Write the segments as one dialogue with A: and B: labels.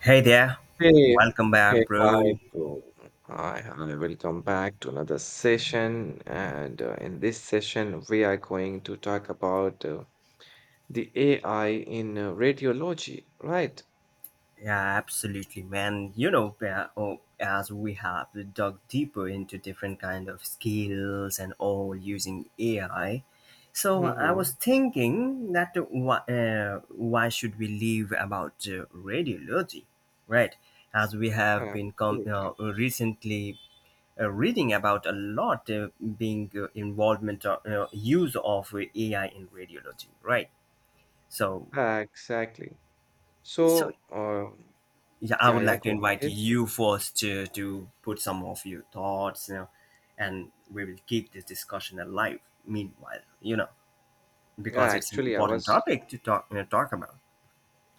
A: Hey there,
B: Hey,
A: welcome
B: hey,
A: back,
B: hi,
A: bro.
B: bro. Hi. Welcome back to another session. And in this session, we are going to talk about the AI in radiology, right?
A: Yeah, absolutely, man. Yeah, oh, as we have dug deeper into different kind of skills and all using AI, so I was
B: hmm
A: thinking that why should we leave about radiology, right? As we have been
B: Absolutely.
A: recently reading about a lot being involvement or use of AI in radiology, right? So
B: Yeah, exactly.
A: so,
B: So, um,
A: yeah, I
B: yeah,
A: would
B: yeah,
A: like to
B: go
A: invite
B: ahead.
A: you first to put some of your thoughts, and we will keep this discussion alive meanwhile,
B: Yeah,
A: because it's an
B: actually, I
A: important
B: was.
A: topic to talk about.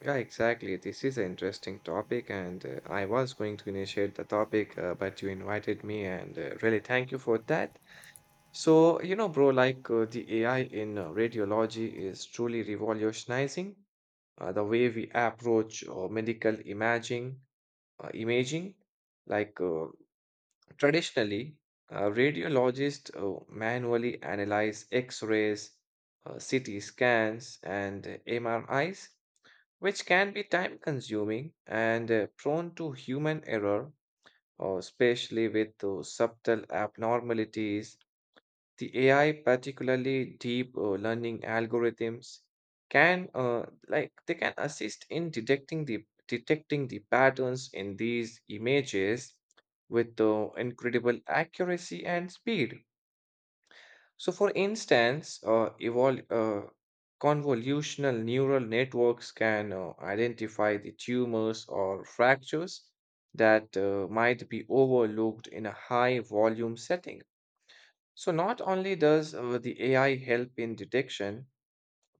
B: Yeah, exactly. This is an interesting topic, and I was going to initiate the topic, but you invited me, and really thank you for that. So, you know, bro, the AI in radiology is truly revolutionizing the way we approach medical imaging. Like uh, traditionally, radiologists manually analyze X-rays, CT scans, and MRIs, which can be time-consuming and prone to human error, especially with subtle abnormalities. The AI, particularly deep learning algorithms, can like they can assist in detecting the patterns in these images with incredible accuracy and speed. So, for instance, convolutional neural networks can identify the tumors or fractures that might be overlooked in a high volume setting. So not only does the AI help in detection,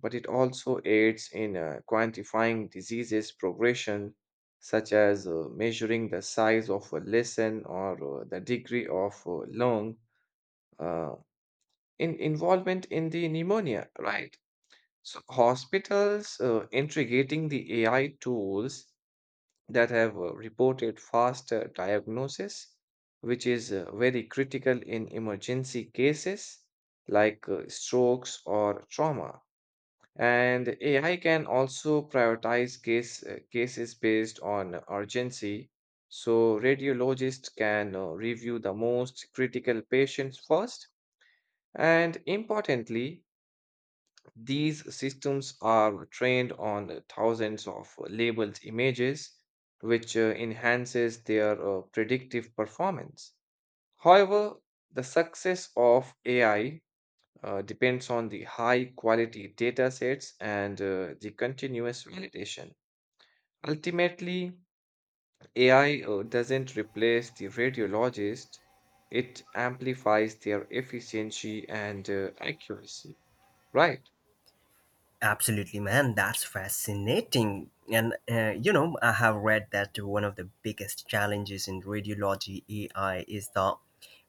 B: but it also aids in quantifying diseases progression, such as measuring the size of a lesion or the degree of lung uh, in involvement in the pneumonia, right? So hospitals integrating the AI tools that have reported faster diagnosis, which is very critical in emergency cases like strokes or trauma. And AI can also prioritize cases based on urgency. So, radiologists can review the most critical patients first. And importantly, these systems are trained on thousands of labeled images, which enhances their predictive performance. However, the success of AI depends on the high quality data sets and the continuous validation. Ultimately, AI doesn't replace the radiologist, it amplifies their efficiency and accuracy, right?
A: Absolutely, man. That's fascinating. And, I have read that one of the biggest challenges in radiology AI is the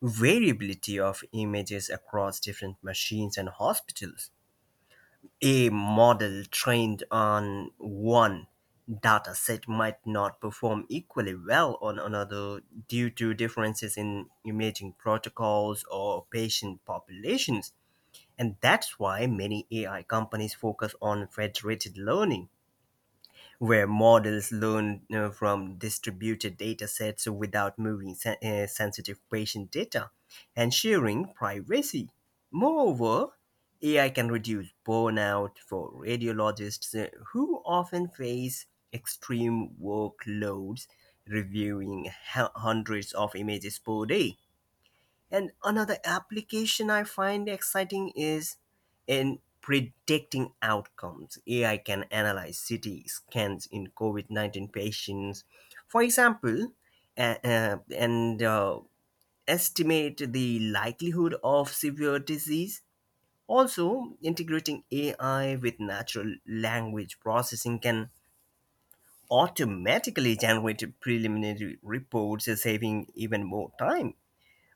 A: variability of images across different machines and hospitals. A model trained on one data set might not perform equally well on another due to differences in imaging protocols or patient populations. And that's why many AI companies focus on federated learning where models learn you from distributed data sets without moving sensitive patient data, ensuring privacy. Moreover, AI can reduce burnout for radiologists who often face extreme workloads reviewing hundreds of images per day. And another application I find exciting is in predicting outcomes. AI can analyze CT scans in COVID-19 patients, for example, and estimate the likelihood of severe disease. Also, integrating AI with natural language processing can automatically generate preliminary reports, saving even more time.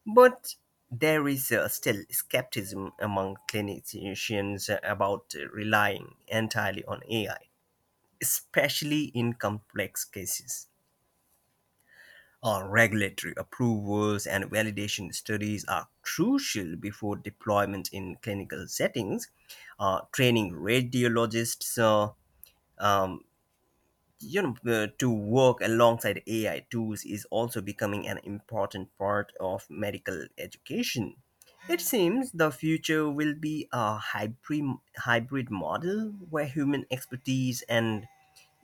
A: But there is still skepticism among clinicians about relying entirely on AI, especially in complex cases. Our regulatory approvals and validation studies are crucial before deployment in clinical settings. Training radiologists um, to work alongside AI tools is also becoming an important part of medical education. It seems the future will be a hybrid model where human expertise and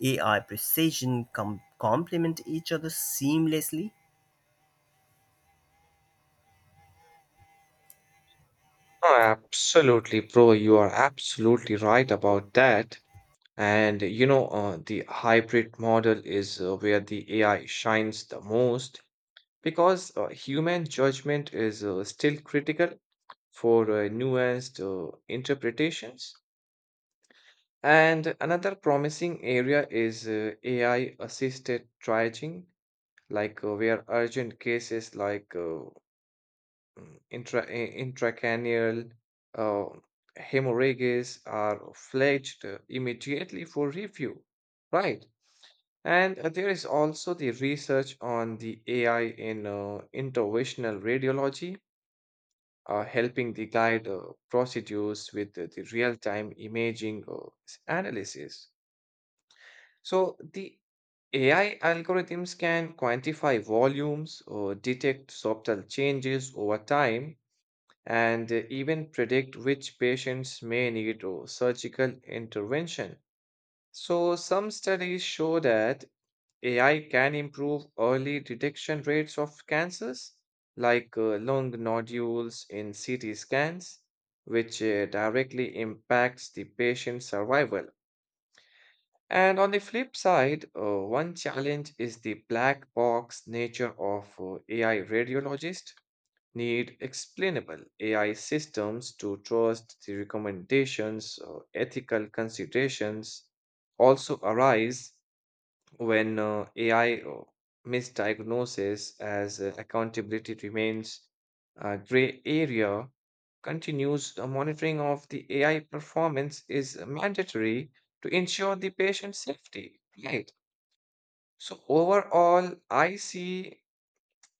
A: AI precision complement each other seamlessly.
B: Oh, absolutely, bro. You are absolutely right about that. And you know, the hybrid model is where the AI shines the most because human judgment is still critical for nuanced interpretations. And another promising area is AI assisted triaging, like where urgent cases like intracranial uh, hemorrhages are flagged immediately for review, right? And there is also the research on the AI in interventional radiology, helping the guide procedures with the real-time imaging analysis. So the AI algorithms can quantify volumes or detect subtle changes over time and even predict which patients may need surgical intervention. So, some studies show that AI can improve early detection rates of cancers, like lung nodules in CT scans, which directly impacts the patient's survival. And on the flip side, one challenge is the black box nature of AI. Radiologist need explainable AI systems to trust the recommendations, or ethical considerations also arise when AI or misdiagnosis, as accountability remains a gray area. Continuous monitoring of the AI performance is mandatory to ensure the patient safety. Right. So overall, I see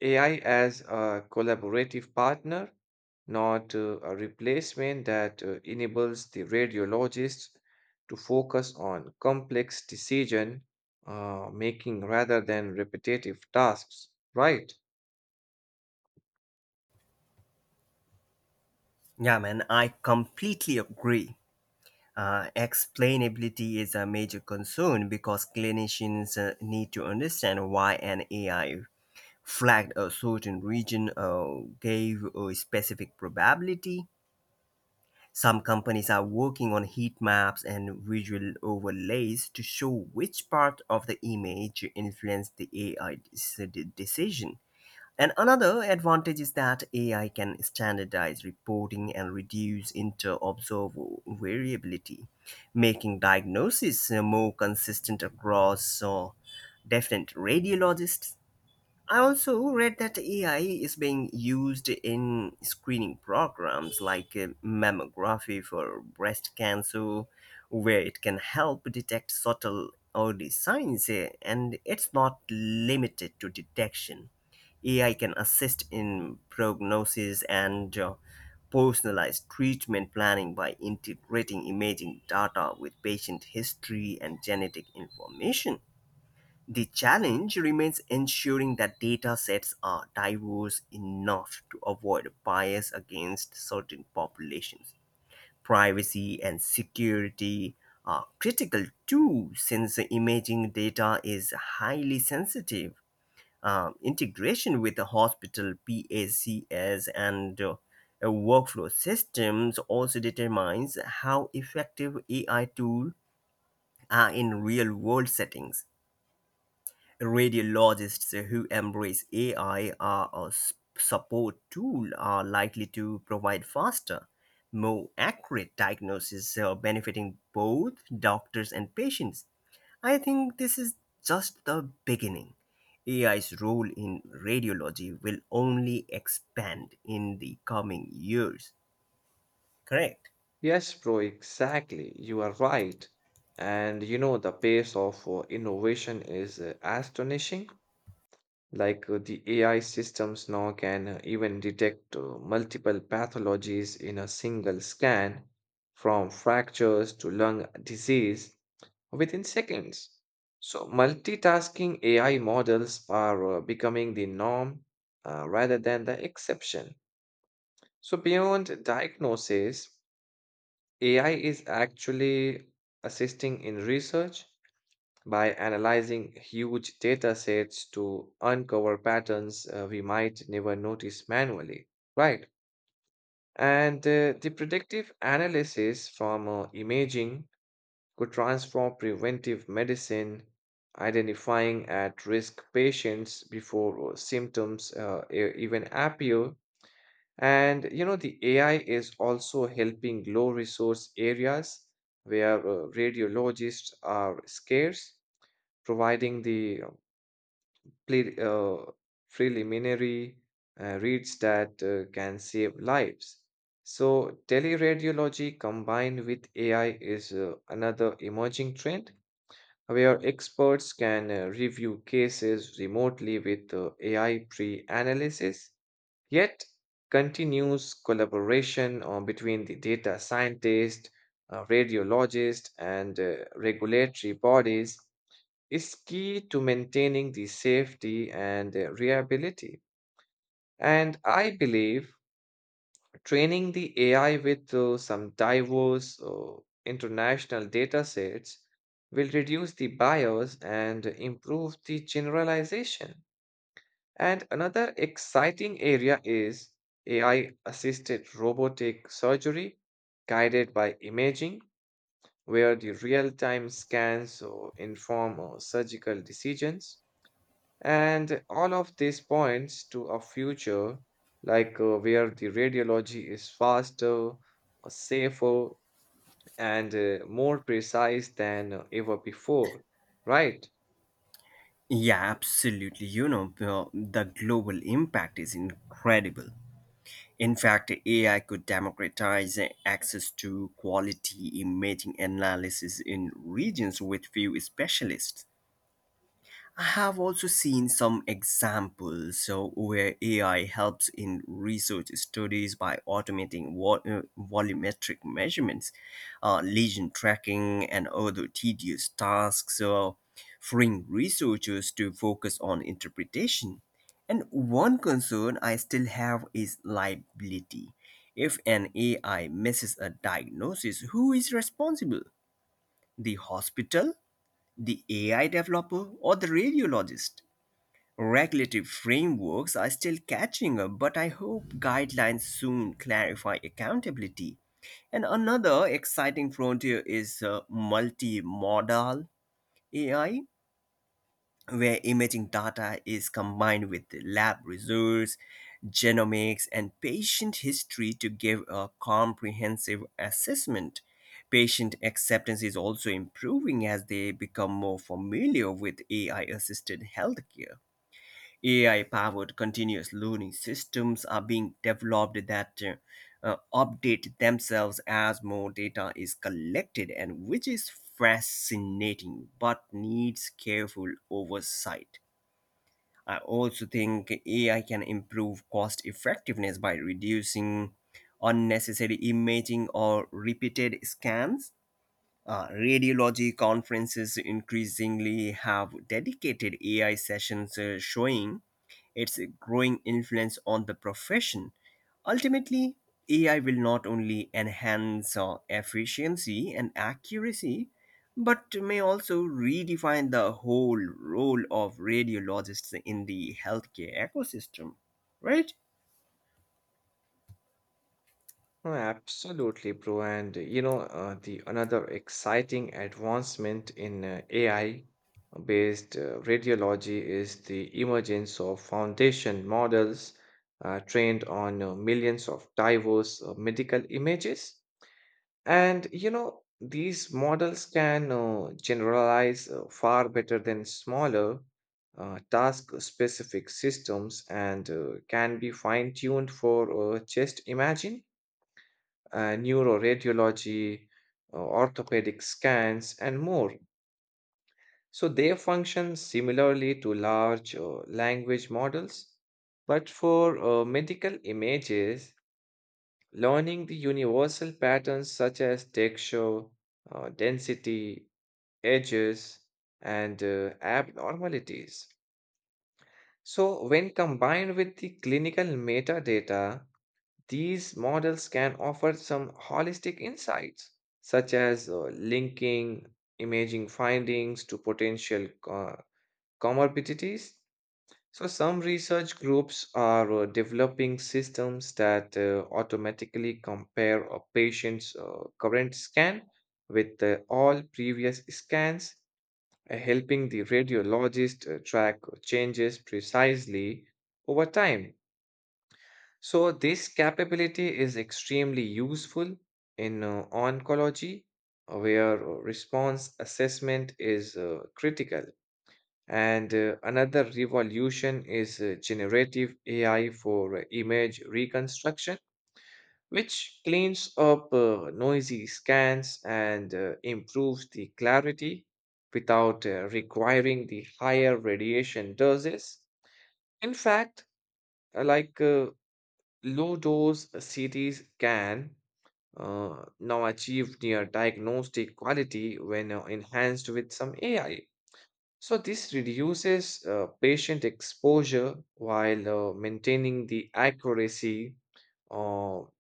B: AI as a collaborative partner, not a replacement, that enables the radiologist to focus on complex decision making rather than repetitive tasks, right?
A: Yeah, man, I completely agree. Explainability is a major concern because clinicians need to understand why an AI flagged a certain region, gave a specific probability. Some companies are working on heat maps and visual overlays to show which part of the image influenced the AI decision. And another advantage is that AI can standardize reporting and reduce inter observer variability, making diagnosis more consistent across different radiologists. I also read that AI is being used in screening programs like mammography for breast cancer, where it can help detect subtle early signs, and it's not limited to detection. AI can assist in prognosis and personalized treatment planning by integrating imaging data with patient history and genetic information. The challenge remains ensuring that data sets are diverse enough to avoid bias against certain populations. Privacy and security are critical too, since imaging data is highly sensitive. Integration with the hospital PACS and workflow systems also determines how effective AI tools are in real world settings. Radiologists who embrace AI are a support tool are likely to provide faster, more accurate diagnosis, benefiting both doctors and patients. I think this is just the beginning. AI's role in radiology will only expand in the coming years. Correct?
B: Yes, bro, exactly. You are right. And you know, the pace of innovation is astonishing. The AI systems now can even detect multiple pathologies in a single scan, from fractures to lung disease, within seconds. So, multitasking AI models are becoming the norm rather than the exception. So, beyond diagnosis, AI is actually assisting in research by analyzing huge data sets to uncover patterns we might never notice manually, right? And the predictive analysis from imaging could transform preventive medicine, identifying at-risk patients before symptoms even appear. And you know, the AI is also helping low-resource areas where radiologists are scarce, providing the ple- uh, preliminary reads that can save lives. So, teleradiology combined with AI is another emerging trend where experts can review cases remotely with AI pre analysis. Yet, continues collaboration between the data scientist, radiologist, and regulatory bodies is key to maintaining the safety and reliability. And I believe training the AI with some diverse international data sets will reduce the bias and improve the generalization. And another exciting area is AI assisted robotic surgery guided by imaging, where the real time scans inform surgical decisions. And all of this points to a future where the radiology is faster, safer, and more precise than ever before, right?
A: Yeah, absolutely. The global impact is incredible. In fact, AI could democratize access to quality imaging analysis in regions with few specialists. I have also seen some examples so where AI helps in research studies by automating volumetric measurements, lesion tracking, and other tedious tasks, so freeing researchers to focus on interpretation. And one concern I still have is liability. If an AI misses a diagnosis, who is responsible? The hospital, the AI developer, or the radiologist? Regulatory frameworks are still catching up, but I hope guidelines soon clarify accountability. And another exciting frontier is multimodal AI, where imaging data is combined with lab results, genomics, and patient history to give a comprehensive assessment. Patient acceptance is also improving as they become more familiar with AI assisted healthcare. AI powered continuous learning systems are being developed that update themselves as more data is collected, and which is fascinating but needs careful oversight. I also think AI can improve cost effectiveness by reducing unnecessary imaging or repeated scans. Radiology conferences increasingly have dedicated AI sessions showing its growing influence on the profession. Ultimately, AI will not only enhance efficiency and accuracy, but may also redefine the whole role of radiologists in the healthcare ecosystem, right?
B: No, absolutely, bro. And you know, the another exciting advancement in AI based radiology is the emergence of foundation models trained on millions of diverse medical images. And you know, these models can generalize far better than smaller task-specific systems and can be fine-tuned for, just imagine, neuroradiology, orthopedic scans, and more. So they function similarly to large language models, but for medical images, learning the universal patterns such as texture, density, edges, and abnormalities. So, when combined with the clinical metadata, these models can offer some holistic insights, such as linking imaging findings to potential comorbidities. So, some research groups are developing systems that automatically compare a patient's current scan with all previous scans, helping the radiologist track changes precisely over time. So, this capability is extremely useful in oncology, where response assessment is critical. And another revolution is generative AI for image reconstruction, which cleans up noisy scans and improves the clarity without requiring the higher radiation doses. In fact, uh, like uh, low dose CTs can now achieve near diagnostic quality when enhanced with some AI. So this reduces patient exposure while maintaining the accuracy, or,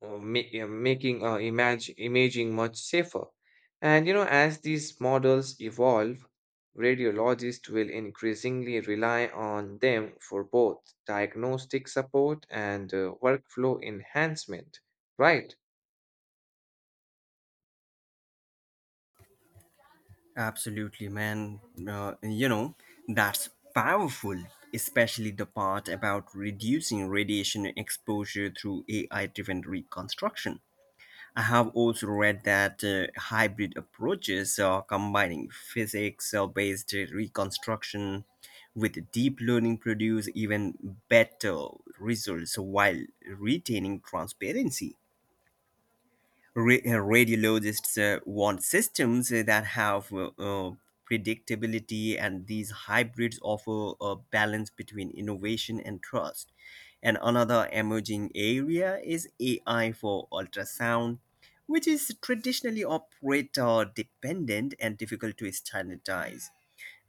B: making image imaging much safer. And you know, as these models evolve, radiologists will increasingly rely on them for both diagnostic support and workflow enhancement, right?
A: Absolutely, man. Uh, you know, that's powerful, especially the part about reducing radiation exposure through AI driven reconstruction. I have also read that hybrid approaches are combining physics based reconstruction with deep learning produce even better results while retaining transparency. Radiologists want systems that have predictability, and these hybrids offer a balance between innovation and trust. And another emerging area is AI for ultrasound, which is traditionally operator dependent and difficult to standardize.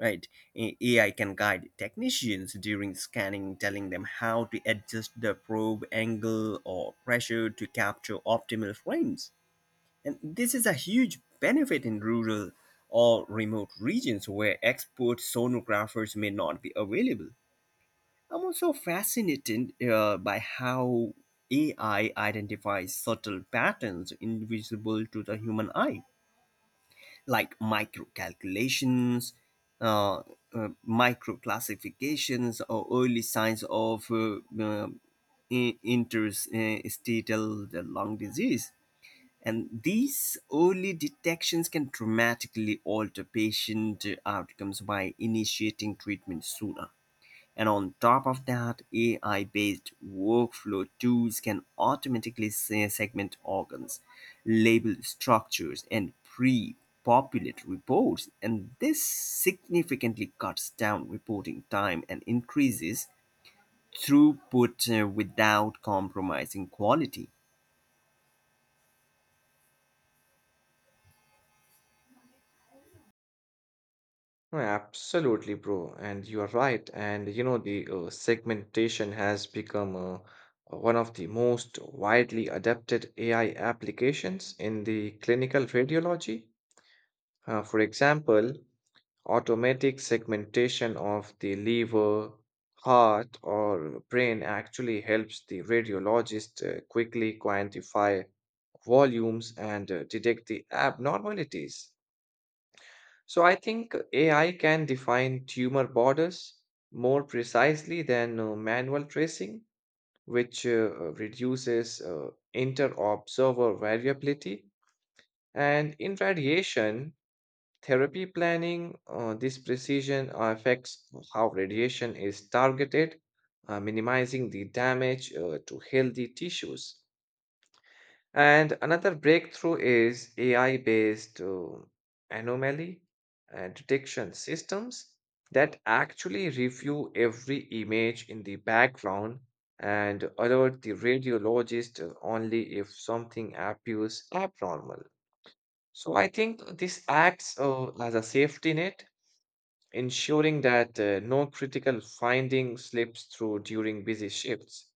A: Right, AI can guide technicians during scanning, telling them how to adjust the probe angle or pressure to capture optimal frames, and this is a huge benefit in rural or remote regions where expert sonographers may not be available. I'm also fascinated by how AI identifies subtle patterns invisible to the human eye, like microcalculations, calculations, uh, micro or early signs of interstitial lung disease. And these early detections can dramatically alter patient outcomes by initiating treatment sooner. And on top of that, AI based workflow tools can automatically segment organs, label structures, and pre populate reports. And this significantly cuts down reporting time and increases throughput without compromising quality.
B: No, absolutely, bro. And you are right. And you know, the segmentation has become one of the most widely adapted AI applications in the clinical radiology. For example, automatic segmentation of the liver, heart, or brain actually helps the radiologist quickly quantify volumes and detect the abnormalities. So I think AI can define tumor borders more precisely than manual tracing, which reduces inter-observer variability. And in radiation therapy planning, this precision affects how radiation is targeted, minimizing the damage to healthy tissues. And another breakthrough is AI based anomaly detection systems that actually review every image in the background and alert the radiologist only if something appears abnormal. So I think this acts as a safety net, ensuring that no critical finding slips through during busy shifts.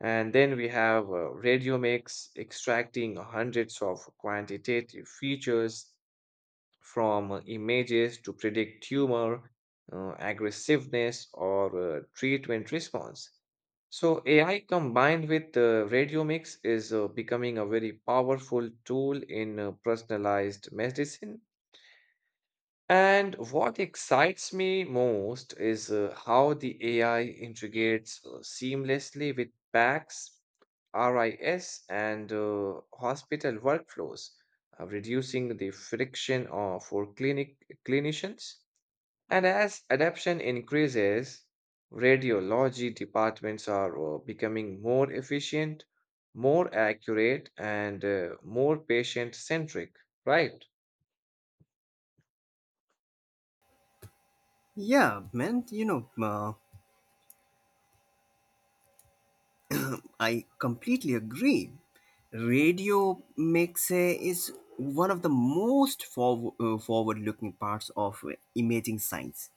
B: And then we have Radiomics, extracting hundreds of quantitative features from images to predict tumor aggressiveness or treatment response. So AI combined with the radiomics is becoming a very powerful tool in personalized medicine. And what excites me most is how the AI integrates seamlessly with PACS, RIS, and hospital workflows, reducing the friction for clinicians. And as adoption increases, radiology departments are becoming more efficient, more accurate, and more patient-centric, right?
A: Yeah, man, I completely agree. Radio makes is one of the most forward-looking parts of imaging science.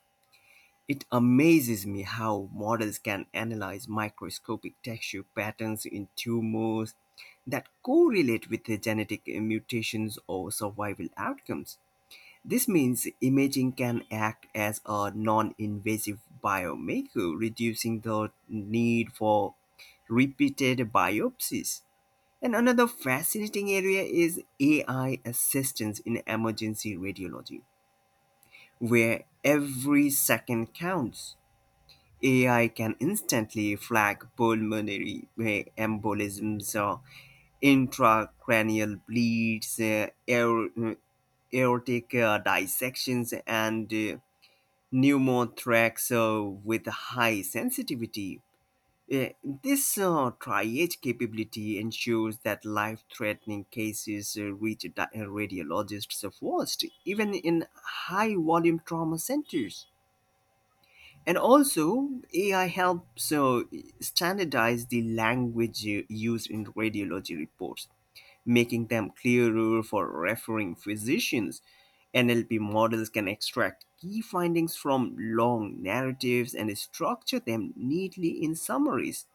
A: It amazes me how models can analyze microscopic texture patterns in tumors that correlate with the genetic mutations or survival outcomes. This means imaging can act as a non invasive biomarker, reducing the need for repeated biopsies. And another fascinating area is AI assistance in emergency radiology, where every second counts. AI can instantly flag pulmonary embolisms, intracranial bleeds, aortic dissections, and pneumotracks with high sensitivity. Uh, This triage capability ensures that life threatening cases reach radiologists first, even in high volume trauma centers. And also, AI helps standardize the language used in radiology reports, making them clearer for referring physicians. NLP models can extract key findings from long narratives and structure them neatly in summaries.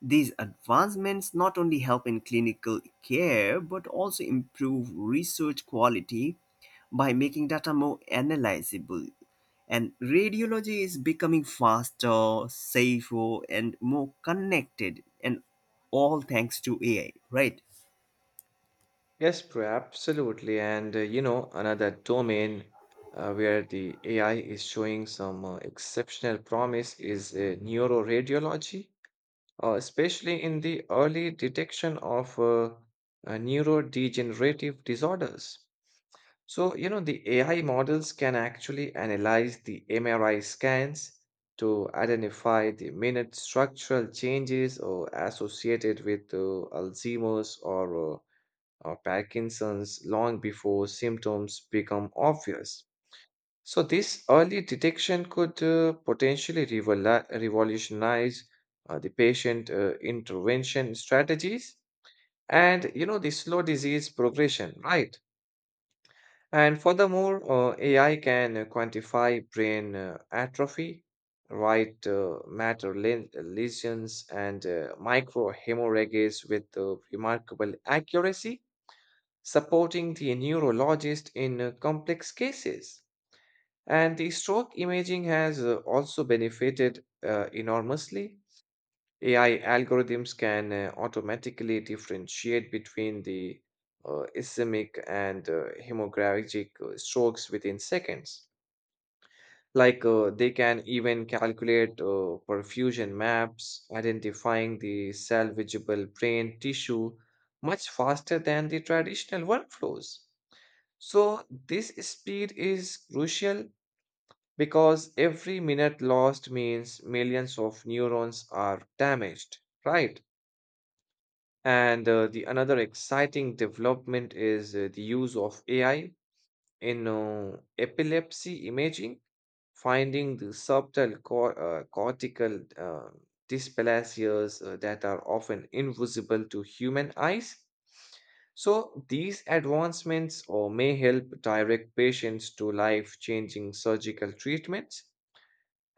A: These advancements not only help in clinical care but also improve research quality by making data more analyzable. And radiology is becoming faster, safer, and more connected, and all thanks to AI, right?
B: Yes, bro, absolutely. And you know, another domain where the AI is showing some exceptional promise is neuroradiology, especially in the early detection of neurodegenerative disorders. So, you know, the AI models can actually analyze the MRI scans to identify the minute structural changes or associated with Alzheimer's or Parkinson's long before symptoms become obvious. So, this early detection could potentially revolutionize the patient intervention strategies and, you know, the slow disease progression, right? And furthermore, AI can quantify brain atrophy, right matter lesions, and microhemorrhages with remarkable accuracy, supporting the neurologist in complex cases. And the stroke imaging has also benefited enormously. AI algorithms can automatically differentiate between the ischemic and hemorrhagic strokes within seconds. They can even calculate perfusion maps, identifying the salvageable brain tissue much faster than the traditional workflows. So, this speed is crucial because every minute lost means millions of neurons are damaged, right? And the another exciting development is the use of AI in epilepsy imaging, finding the subtle cortical dysplasias that are often invisible to human eyes. So, these advancements or may help direct patients to life changing surgical treatments.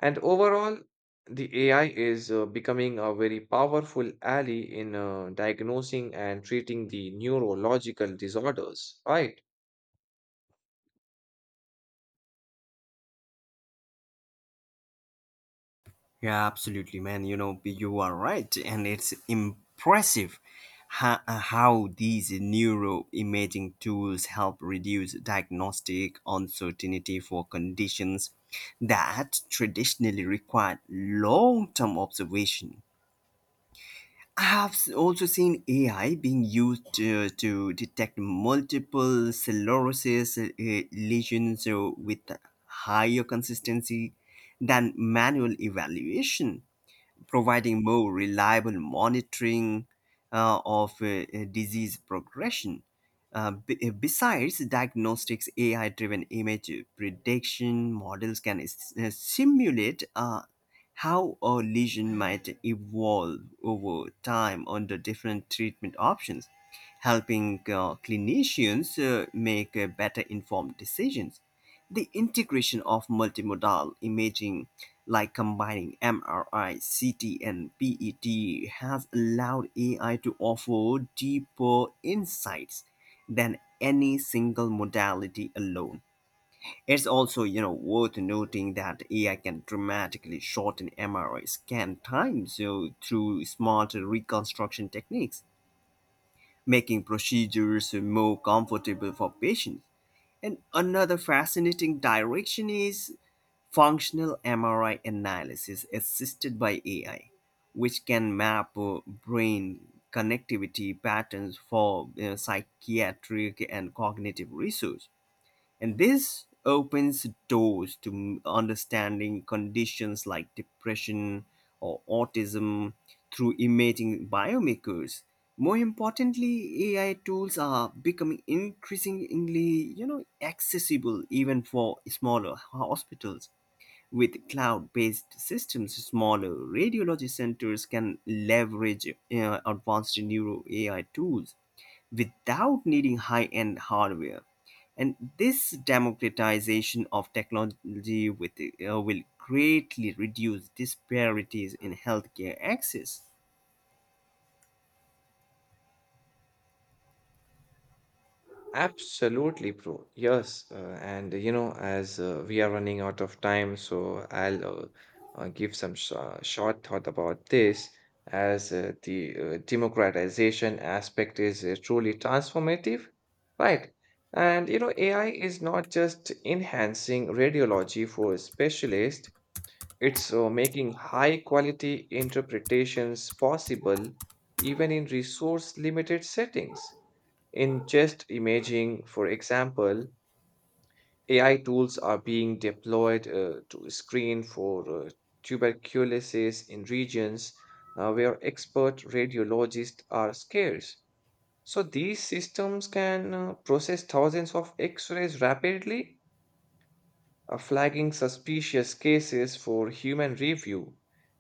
B: And overall, the AI is becoming a very powerful ally in diagnosing and treating the neurological disorders, right?
A: Yeah, absolutely, man. You are right, and it's impressive how these neuroimaging tools help reduce diagnostic uncertainty for conditions that traditionally required long-term observation. I have also seen AI being used to detect multiple sclerosis lesions with higher consistency than manual evaluation, providing more reliable monitoring of disease progression. Besides diagnostics, AI driven image prediction models can simulate how a lesion might evolve over time under different treatment options, helping clinicians make better informed decisions. The integration of multimodal imaging like combining MRI, CT, and PET has allowed AI to offer deeper insights than any single modality alone. It's also, worth noting that AI can dramatically shorten MRI scan times so through smart reconstruction techniques, making procedures more comfortable for patients. And another fascinating direction is functional MRI analysis assisted by AI, which can map brain connectivity patterns for psychiatric and cognitive research. And this opens doors to understanding conditions like depression or autism through imaging biomarkers. More importantly, AI tools are becoming increasingly, accessible even for smaller hospitals. With cloud-based systems, smaller radiology centers can leverage advanced neuro AI tools without needing high end hardware. And this democratization of technology will greatly reduce disparities in healthcare access.
B: Absolutely, bro. Yes, and you know, as we are running out of time, so I'll give some sh short thought about this. As the democratization aspect is truly transformative, right? And you know, AI is not just enhancing radiology for specialists, it's making high quality interpretations possible even in resource limited settings. In chest imaging, for example, AI tools are being deployed to screen for tuberculosis in regions where expert radiologists are scarce. So these systems can process thousands of x rays rapidly, flagging suspicious cases for human review,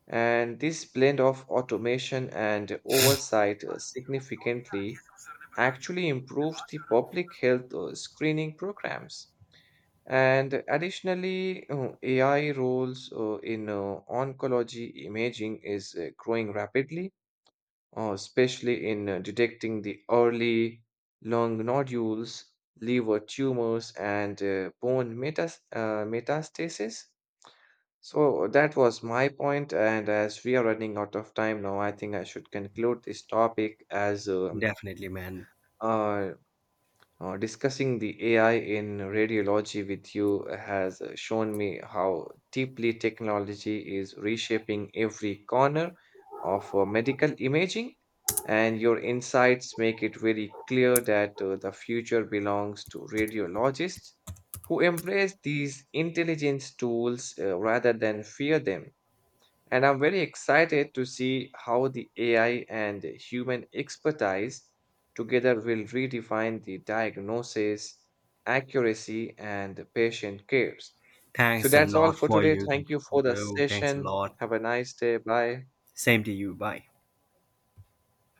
B: and this blend of automation and oversight significantly actually improves the public health screening programs. And additionally, AI roles in oncology imaging is growing rapidly, especially in detecting the early lung nodules, liver tumors, and bone metas- metastasis. So that was my point, and as we are running out of time now, I think I should conclude this topic. as um,
A: Definitely, man.
B: uh, uh, discussing the AI in radiology with you has shown me how deeply technology is reshaping every corner of medical imaging, and your insights make it very clear that the future belongs to radiologists who embrace these intelligence tools rather than fear them. And I'm very excited to see how the AI and human expertise together will redefine the diagnosis, accuracy, and patient cares. So
A: Thanks a
B: that's all
A: lot
B: for
A: for
B: today.
A: you,
B: Thank you for the
A: bro. Thanks a
B: session.
A: lot.
B: Have a nice day. Bye.
A: Same to you. Bye.